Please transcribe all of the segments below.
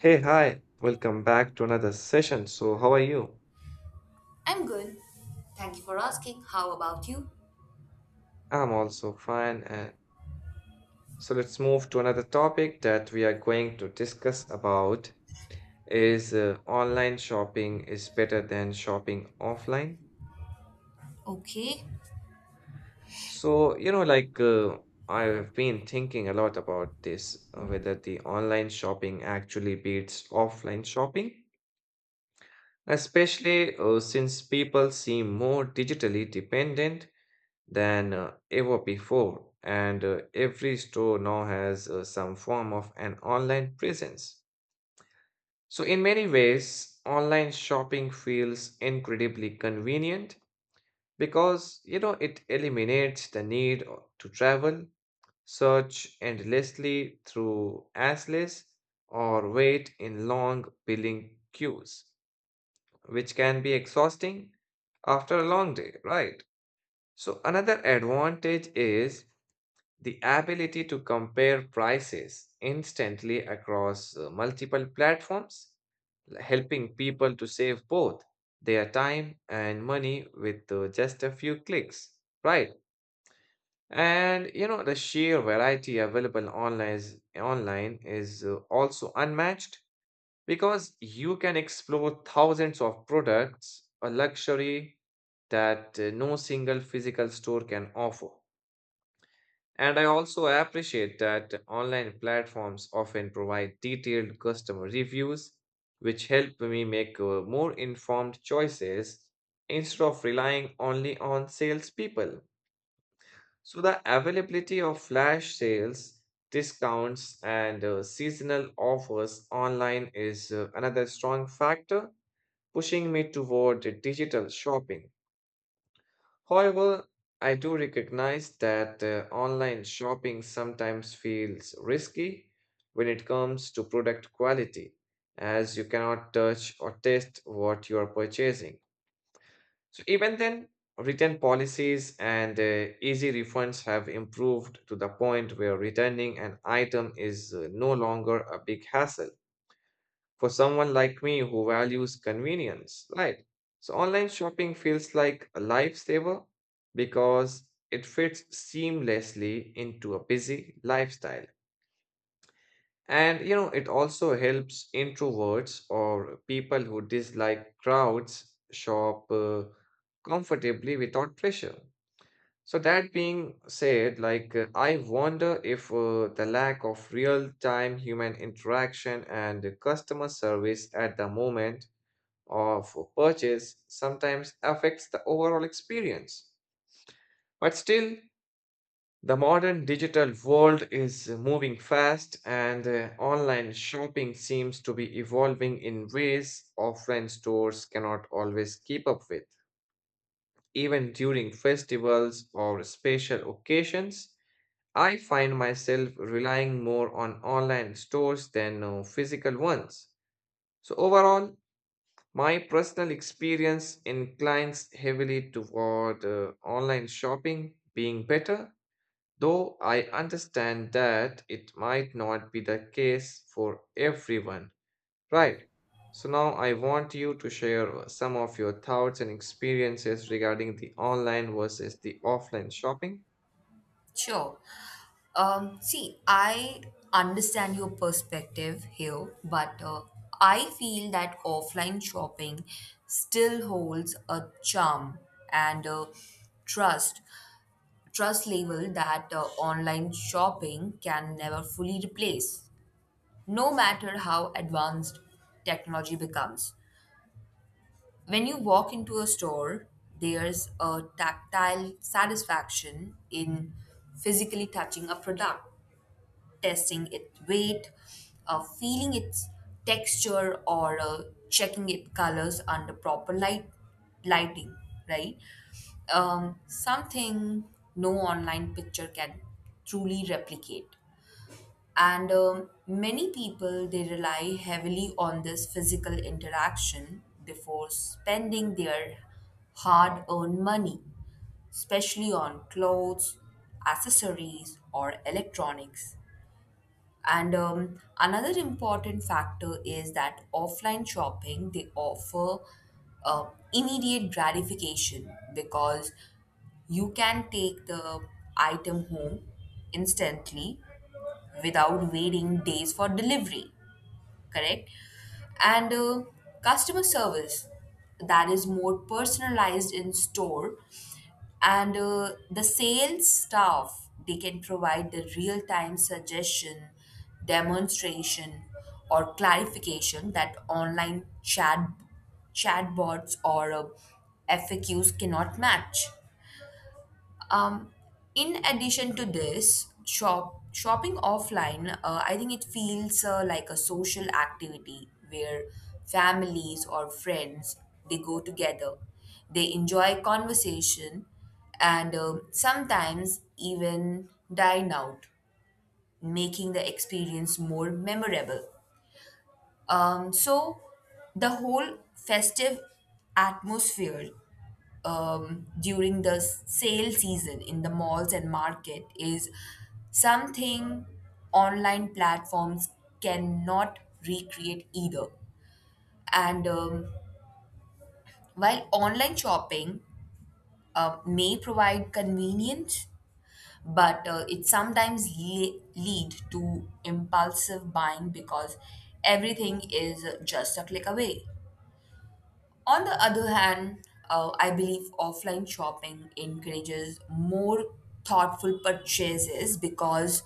Hey, hi, welcome back to another session. So, how are you? I'm good. Thank you for asking. How about you? I'm also fine. And so, let's move to another topic that we are going to discuss about is online shopping is better than shopping offline. Okay, So, I've been thinking a lot about this, whether the online shopping actually beats offline shopping, especially since people seem more digitally dependent than ever before, and every store now has some form of an online presence. So, in many ways, online shopping feels incredibly convenient because it eliminates the need to travel, search endlessly through Assless, or wait in long billing queues, which can be exhausting after a long day, right? So, another advantage is the ability to compare prices instantly across multiple platforms, helping people to save both their time and money with just a few clicks, right? The sheer variety available online is also unmatched because you can explore thousands of products, a luxury that no single physical store can offer. And I also appreciate that online platforms often provide detailed customer reviews, which help me make more informed choices instead of relying only on salespeople. So, the availability of flash sales, discounts, and seasonal offers online is another strong factor pushing me toward digital shopping. However, I do recognize that online shopping sometimes feels risky when it comes to product quality, as you cannot touch or test what you are purchasing. So, even then, return policies and easy refunds have improved to the point where returning an item is no longer a big hassle for someone like me who values convenience, right? So online shopping feels like a lifesaver because it fits seamlessly into a busy lifestyle. It also helps introverts or people who dislike crowds shop comfortably without pressure. So, that being said, I wonder if the lack of real time human interaction and customer service at the moment of purchase sometimes affects the overall experience. But still, the modern digital world is moving fast, and online shopping seems to be evolving in ways offline stores cannot always keep up with. Even during festivals or special occasions, I find myself relying more on online stores than physical ones. So, overall, my personal experience inclines heavily toward online shopping being better, though I understand that it might not be the case for everyone. Right. So now I want you to share some of your thoughts and experiences regarding the online versus the offline shopping. sure. See, I understand your perspective here, but I feel that offline shopping still holds a charm and trust trust level that online shopping can never fully replace, no matter how advanced technology becomes. When you walk into a store, there's a tactile satisfaction in physically touching a product, testing its weight, feeling its texture, or checking its colors under proper lighting, right? Something no online picture can truly replicate. And many people they rely heavily on this physical interaction before spending their hard-earned money, especially on clothes, accessories, or electronics. And another important factor is that offline shopping they offer uh, immediate gratification because you can take the item home instantly without waiting days for delivery, correct? And customer service that is more personalized in store, and the sales staff they can provide the real time suggestion, demonstration, or clarification that online chatbots or FAQs cannot match. Um, in addition to this, shopping offline, I think it feels like a social activity where families or friends they go together. They enjoy conversation and sometimes even dine out, making the experience more memorable. So the whole festive atmosphere during the sale season in the malls and market is something online platforms cannot recreate either. And while online shopping may provide convenience, but it sometimes lead to impulsive buying because everything is just a click away. On the other hand, I believe offline shopping encourages more thoughtful purchases because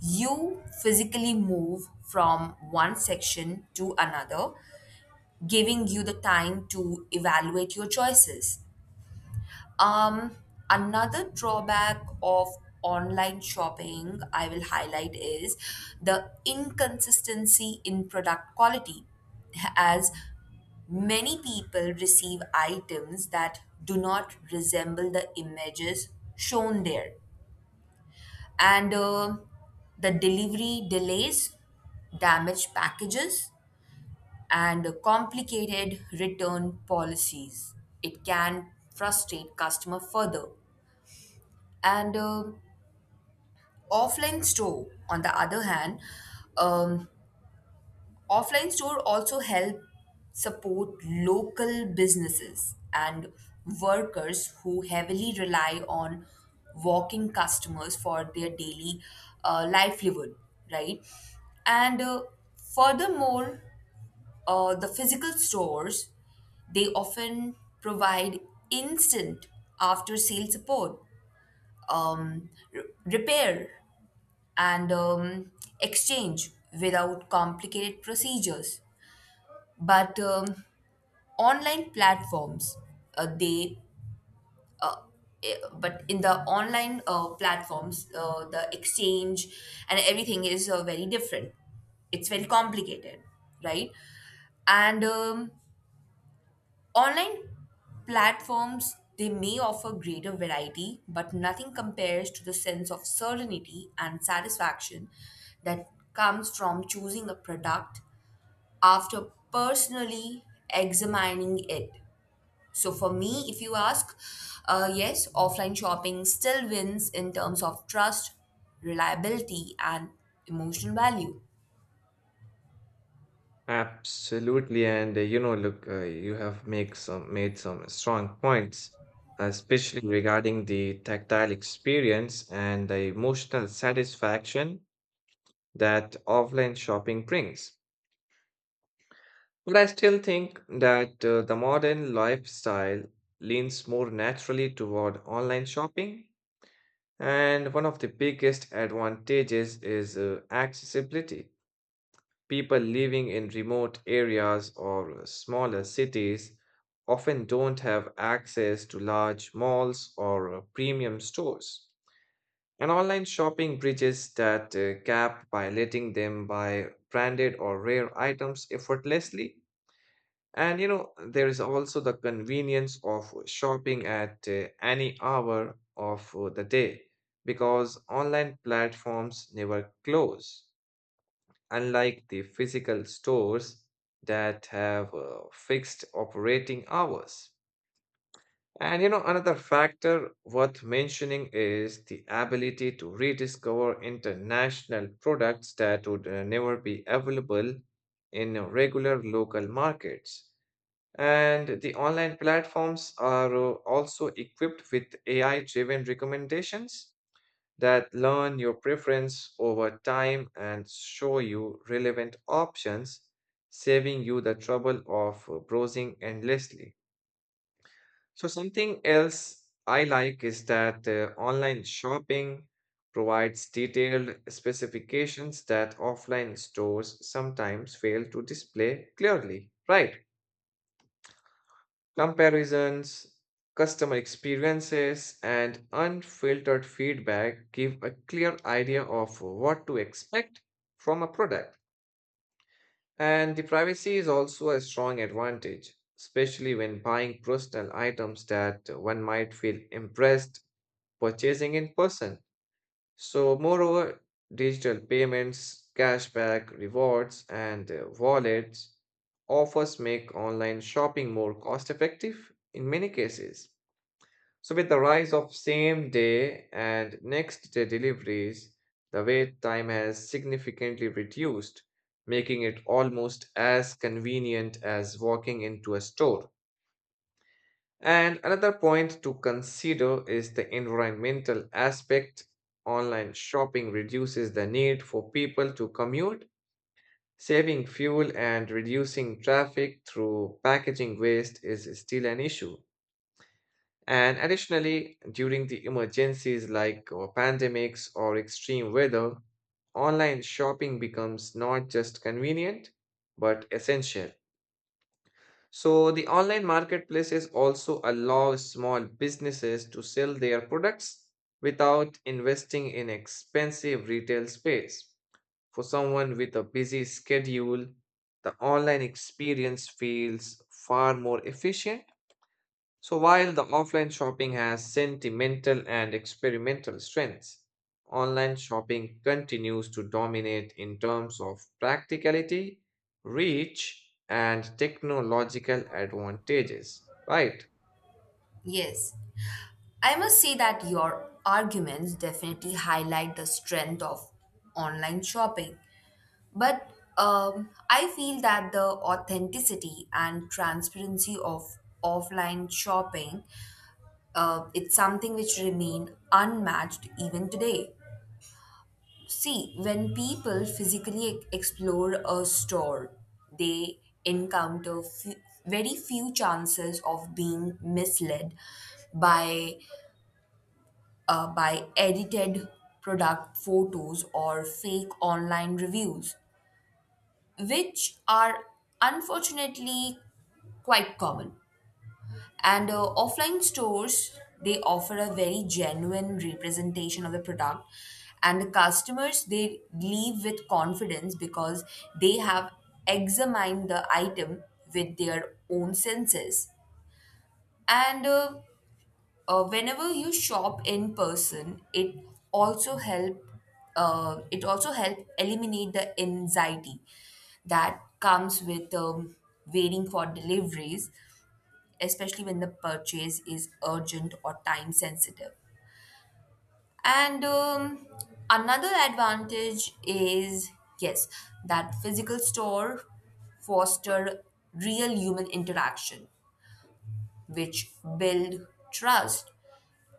you physically move from one section to another, giving you the time to evaluate your choices. Um, another drawback of online shopping I will highlight is the inconsistency in product quality, as many people receive items that do not resemble the images shown there. And the delivery delays, damaged packages, and complicated return policies. It can frustrate customer further, and offline store, on the other hand, um, offline store also help support local businesses and workers who heavily rely on walking customers for their daily livelihood, right? And furthermore, the physical stores they often provide instant after sale support, repair, and exchange without complicated procedures. But online platforms, uh, they but in the online platforms, the exchange and everything is very different. It's very complicated, right? And online platforms they may offer greater variety, but nothing compares to the sense of certainty and satisfaction that comes from choosing a product after personally examining it. So for me, if you ask, yes, offline shopping still wins in terms of trust, reliability, and emotional value. Absolutely, and look, you have make some made some strong points, especially regarding the tactile experience and the emotional satisfaction that offline shopping brings. But I still think that the modern lifestyle leans more naturally toward online shopping, and one of the biggest advantages is accessibility. People living in remote areas or smaller cities often don't have access to large malls or premium stores. And online shopping bridges that gap by letting them buy branded or rare items effortlessly. There is also the convenience of shopping at any hour of the day because online platforms never close unlike the physical stores that have fixed operating hours. Another factor worth mentioning is the ability to rediscover international products that would never be available in regular local markets. And the online platforms are also equipped with AI driven recommendations that learn your preference over time and show you relevant options, saving you the trouble of browsing endlessly. So, something else I like is that online shopping provides detailed specifications that offline stores sometimes fail to display clearly, right? Comparisons, customer experiences, and unfiltered feedback give a clear idea of what to expect from a product. And the privacy is also a strong advantage, especially when buying personal items that one might feel impressed purchasing in person. So, moreover, digital payments, cashback, rewards, and wallets offers make online shopping more cost effective in many cases. So with the rise of same day and next day deliveries, the wait time has significantly reduced, making it almost as convenient as walking into a store. And another point to consider is the environmental aspect. Online shopping reduces the need for people to commute, saving fuel and reducing traffic through packaging waste is still an issue. And additionally, during the emergencies like pandemics or extreme weather, online shopping becomes not just convenient, but essential. So, the online marketplaces also allow small businesses to sell their products without investing in expensive retail space. For someone with a busy schedule, the online experience feels far more efficient so while the offline shopping has sentimental and experimental strengths, online shopping continues to dominate in terms of practicality, reach, and technological advantages. Right. Yes. I must say that your arguments definitely highlight the strength of online shopping. But I feel that the authenticity and transparency of offline shopping, it's something which remain unmatched even today. See, when people physically explore a store, they encounter very few chances of being misled by by edited product photos or fake online reviews, which are unfortunately quite common. And offline stores, they offer a very genuine representation of the product. And the customers, they leave with confidence because they have examined the item with their own senses. And whenever you shop in person, also help it also help eliminate the anxiety that comes with waiting for deliveries, especially when the purchase is urgent or time sensitive. And another advantage is yes, that physical store foster real human interaction, which build trust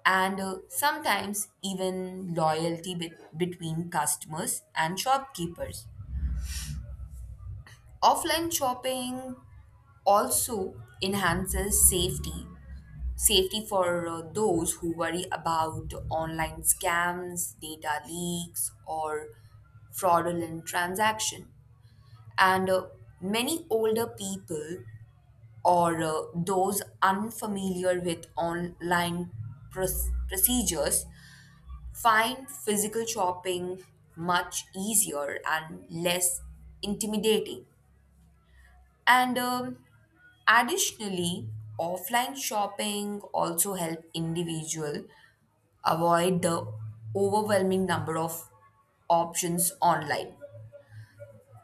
and sometimes even loyalty between customers and shopkeepers. Offline shopping also enhances safety for those who worry about online scams, data leaks, or fraudulent transaction. And many older people or those unfamiliar with online procedures find physical shopping much easier and less intimidating. And additionally, offline shopping also help individual avoid the overwhelming number of options online,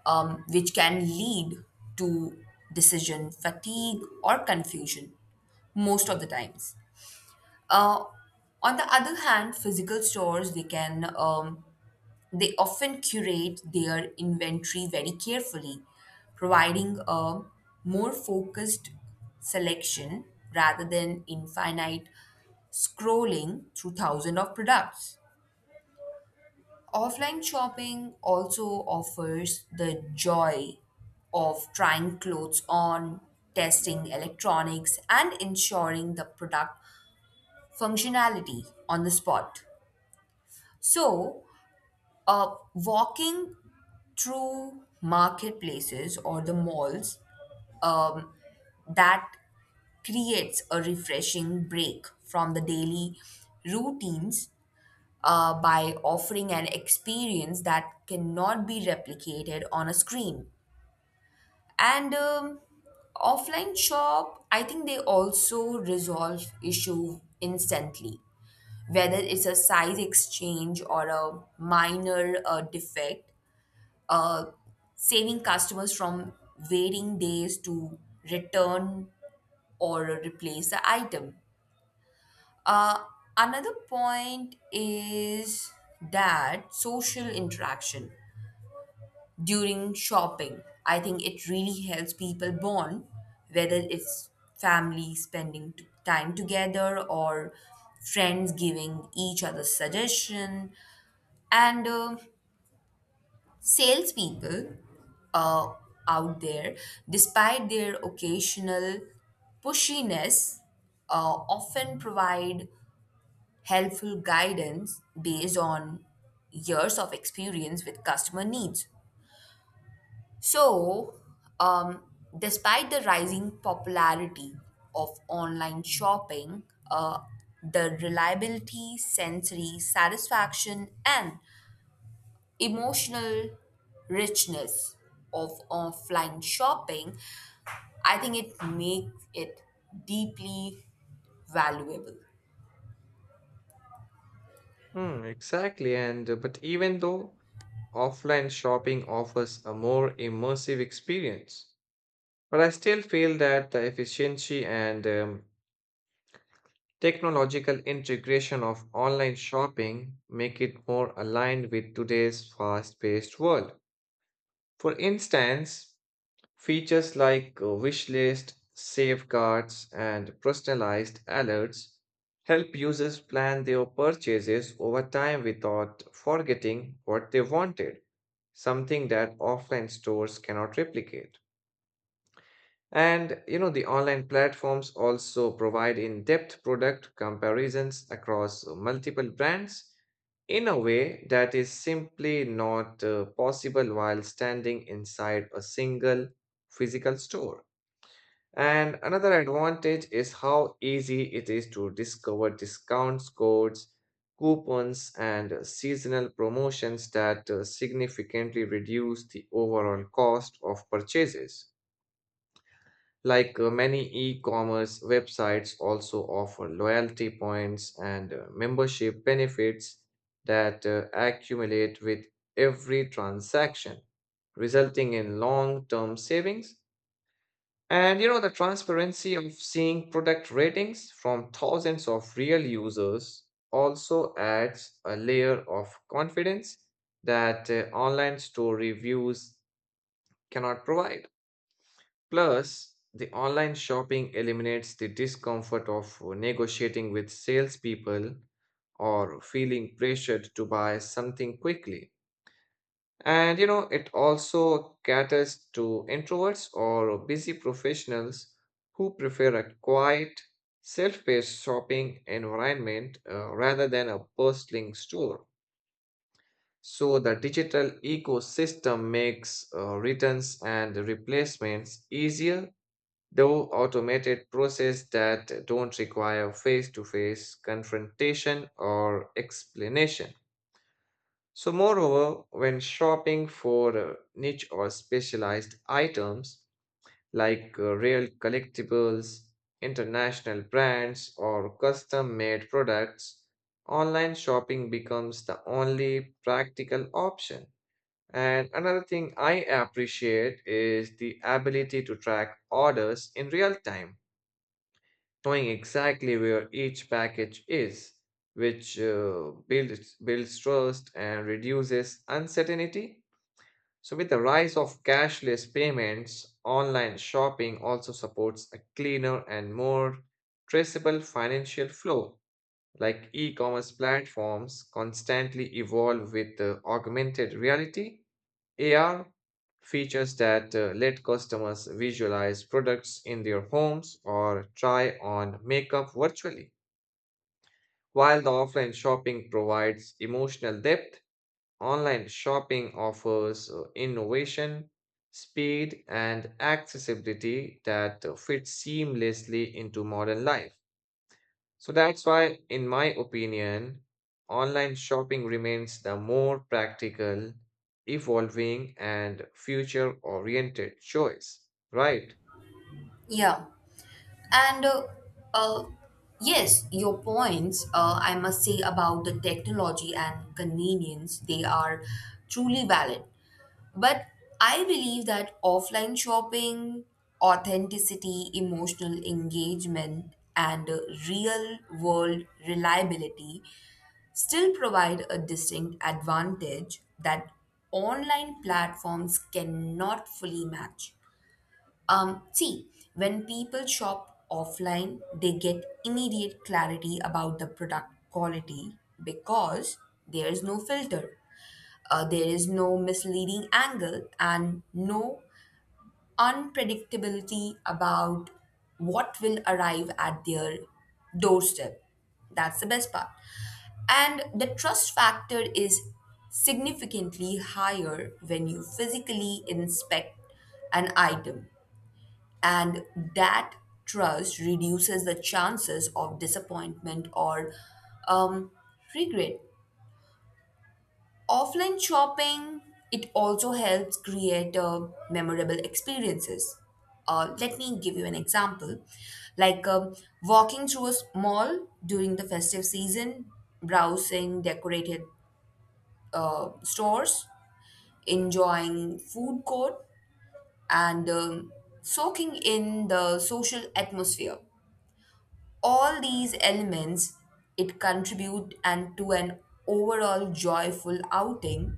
which can lead to decision fatigue or confusion most of the times. Uh, on the other hand, physical stores they often curate their inventory very carefully, providing a more focused selection rather than infinite scrolling through thousands of products. Offline shopping also offers the joy of trying clothes on, testing electronics, and ensuring the product functionality on the spot. So, walking through marketplaces or the malls um, that creates a refreshing break from the daily routines by offering an experience that cannot be replicated on a screen. And offline shop I think they also resolve issue instantly, whether it's a size exchange or a minor defect, uh, saving customers from waiting days to return or replace the item. Uh, another point is that social interaction during shopping. I think it really helps people bond, whether it's family spending time together or friends giving each other suggestion. And salespeople uh, out there, despite their occasional pushiness, often provide helpful guidance based on years of experience with customer needs. So, um, despite the rising popularity of online shopping, uh, the reliability, sensory satisfaction, and emotional richness of offline shopping, I think it makes it deeply valuable. Hmm, exactly. And but even though offline shopping offers a more immersive experience, but I still feel that the efficiency and technological integration of online shopping make it more aligned with today's fast-paced world. For instance, features like wish list, safeguards, and personalized alerts help users plan their purchases over time without forgetting what they wanted, something that offline stores cannot replicate. The online platforms also provide in-depth product comparisons across multiple brands in a way that is simply not possible while standing inside a single physical store. And another advantage is how easy it is to discover discounts, codes, coupons, and seasonal promotions that significantly reduce the overall cost of purchases. Like many e-commerce websites also offer loyalty points and membership benefits that accumulate with every transaction, resulting in long-term savings. The transparency of seeing product ratings from thousands of real users also adds a layer of confidence that online store reviews cannot provide. Plus, the online shopping eliminates the discomfort of negotiating with salespeople or feeling pressured to buy something quickly. It also caters to introverts or busy professionals who prefer a quiet, self-paced shopping environment rather than a bustling store. So the digital ecosystem makes returns and replacements easier though automated process that don't require face-to-face confrontation or explanation. So moreover, when shopping for niche or specialized items like real collectibles, international brands or custom-made products, online shopping becomes the only practical option. And another thing I appreciate is the ability to track orders in real time knowing exactly where each package is, which builds trust and reduces uncertainty. So, with the rise of cashless payments, online shopping also supports a cleaner and more traceable financial flow. Like e commerce platforms constantly evolve with augmented reality AR features that let customers visualize products in their homes or try on makeup virtually. While the offline shopping provides emotional depth, online shopping offers innovation, speed, and accessibility that fit seamlessly into modern life. So that's why, in my opinion, online shopping remains the more practical, evolving, and future oriented choice, right? Yeah. And uh, yes, your points, I must say, about the technology and convenience, they are truly valid. But I believe that offline shopping, authenticity, emotional engagement, and real world reliability still provide a distinct advantage that online platforms cannot fully match. See, when people shop offline, they get immediate clarity about the product quality because there is no filter, there is no misleading angle, and no unpredictability about what will arrive at their doorstep. That's the best part. And the trust factor is significantly higher when you physically inspect an item, and that trust reduces the chances of disappointment or um, regret. Offline shopping, it also helps create memorable experiences. Let me give you an example. Like walking through a mall during the festive season, browsing decorated stores, enjoying food court, and soaking in the social atmosphere. All these elements it contribute and to an overall joyful outing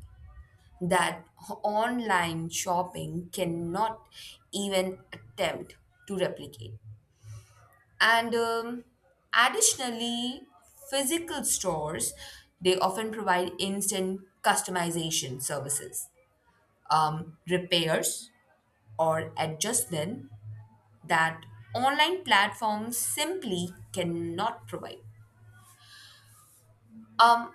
that online shopping cannot even attempt to replicate. And additionally, physical stores they often provide instant customization services, repairs or adjustment that online platforms simply cannot provide. um,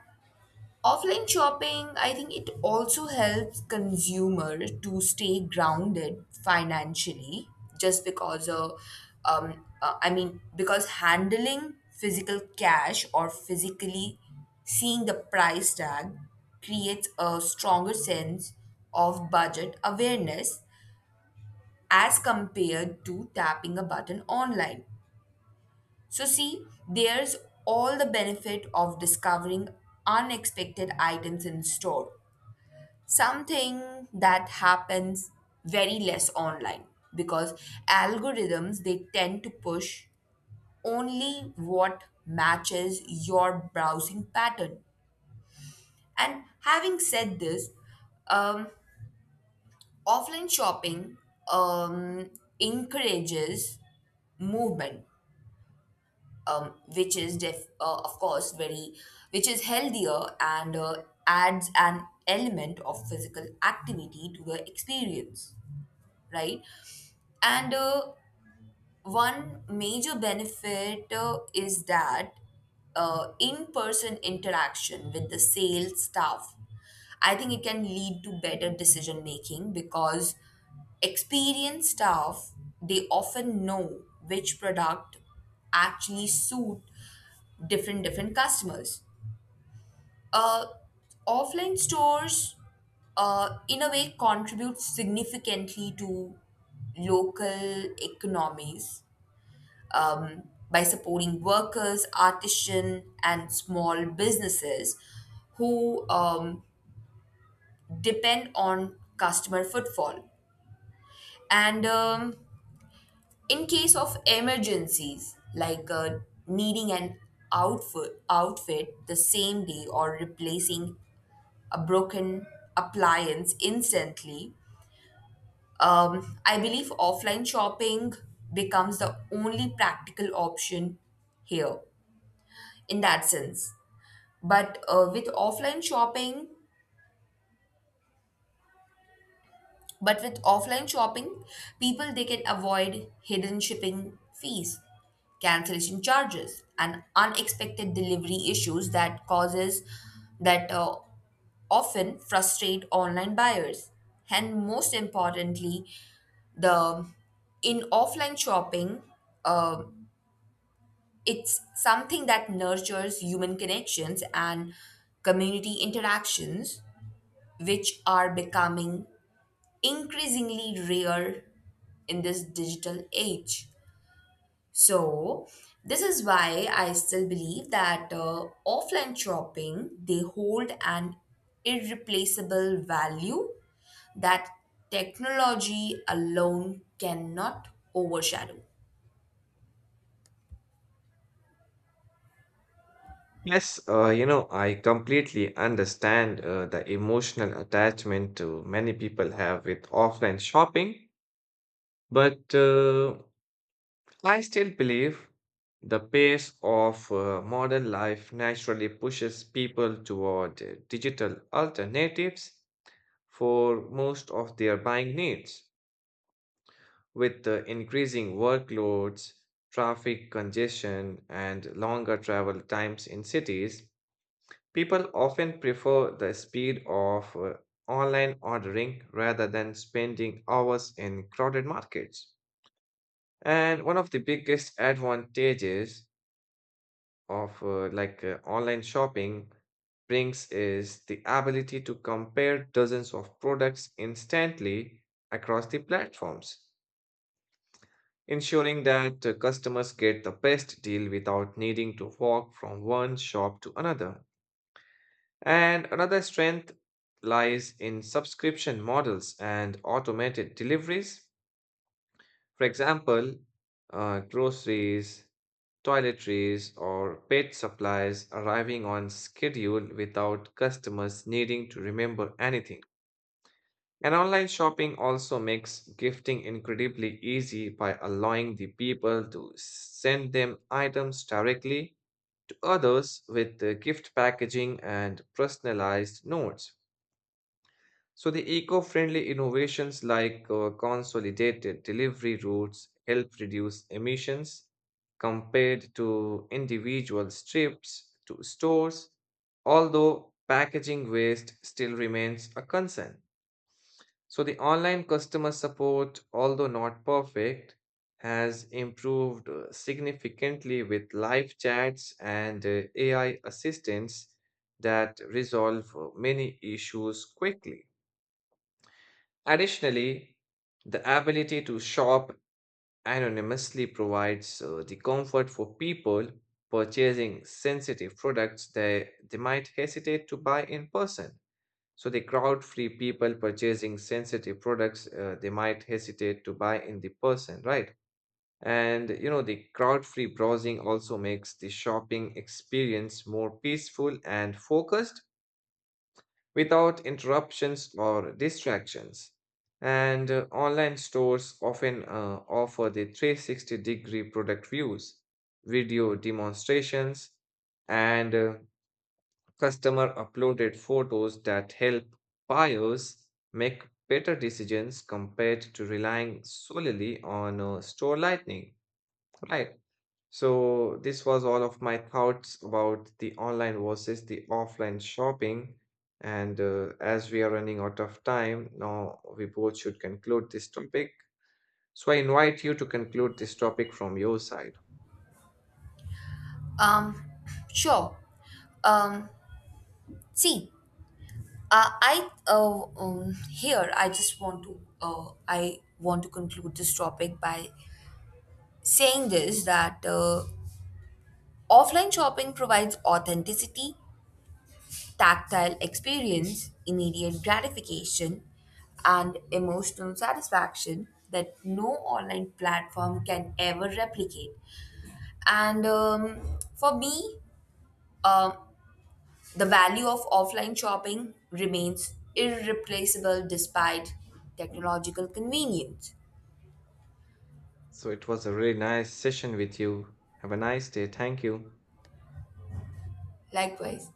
Offline shopping, I think it also helps consumer to stay grounded financially just because of, because handling physical cash or physically seeing the price tag creates a stronger sense of budget awareness as compared to tapping a button online. So, see, there's all the benefit of discovering unexpected items in store, something that happens very less online because algorithms they tend to push only what matches your browsing pattern. And having said this, um, offline shopping um, encourages movement, um, which is def- uh, of course very which is healthier and adds an element of physical activity to the experience, right? And one major benefit is that in person interaction with the sales staff, I think it can lead to better decision making because experienced staff they often know which product actually suit different different customers. Uh, Offline stores, in a way, contribute significantly to local economies, um, by supporting workers, artisans, and small businesses who depend on customer footfall. And in case of emergencies, like needing an outfit the same day or replacing a broken appliance instantly, I believe offline shopping becomes the only practical option here in that sense. but uh, with offline shopping but with offline shopping people they can avoid hidden shipping fees, cancellation charges, and unexpected delivery issues that often frustrate online buyers. And most importantly, the in offline shopping, uh, it's something that nurtures human connections and community interactions which are becoming increasingly rare in this digital age. So, this is why I still believe that offline shopping they hold an irreplaceable value that technology alone cannot overshadow. Yes, I completely understand the emotional attachment many people have with offline shopping, but I still believe the pace of modern life naturally pushes people toward digital alternatives for most of their buying needs. With the increasing workloads, traffic congestion, and longer travel times in cities, people often prefer the speed of online ordering rather than spending hours in crowded markets. And one of the biggest advantages of online shopping brings is the ability to compare dozens of products instantly across the platforms, ensuring that customers get the best deal without needing to walk from one shop to another. And another strength lies in subscription models and automated deliveries. For example, groceries, toiletries, or pet supplies arriving on schedule without customers needing to remember anything. And online shopping also makes gifting incredibly easy by allowing the people to send them items directly to others with the gift packaging and personalized notes. So the eco-friendly innovations like consolidated delivery routes help reduce emissions compared to individual trips to stores, although packaging waste still remains a concern. So the online customer support, although not perfect, has improved significantly with live chats and AI assistants that resolve many issues quickly. Additionally, the ability to shop anonymously provides the comfort for people purchasing sensitive products they might hesitate to buy in person. So, the crowd free people purchasing sensitive products they might hesitate to buy in the person, right? The crowd free browsing also makes the shopping experience more peaceful and focused without interruptions or distractions. And online stores often offer the 360-degree product views, video demonstrations, and customer uploaded photos that help buyers make better decisions compared to relying solely on store lighting, right? So, this was all of my thoughts about the online versus the offline shopping. And as we are running out of time, now we both should conclude this topic. So, I invite you to conclude this topic from your side. Um, sure. Um, see, I here I just want to I want to conclude this topic by saying this that offline shopping provides authenticity, tactile experience, immediate gratification, and emotional satisfaction that no online platform can ever replicate. And for me, um, the value of offline shopping remains irreplaceable despite technological convenience. So, it was a really nice session with you. Have a nice day. Thank you. Likewise,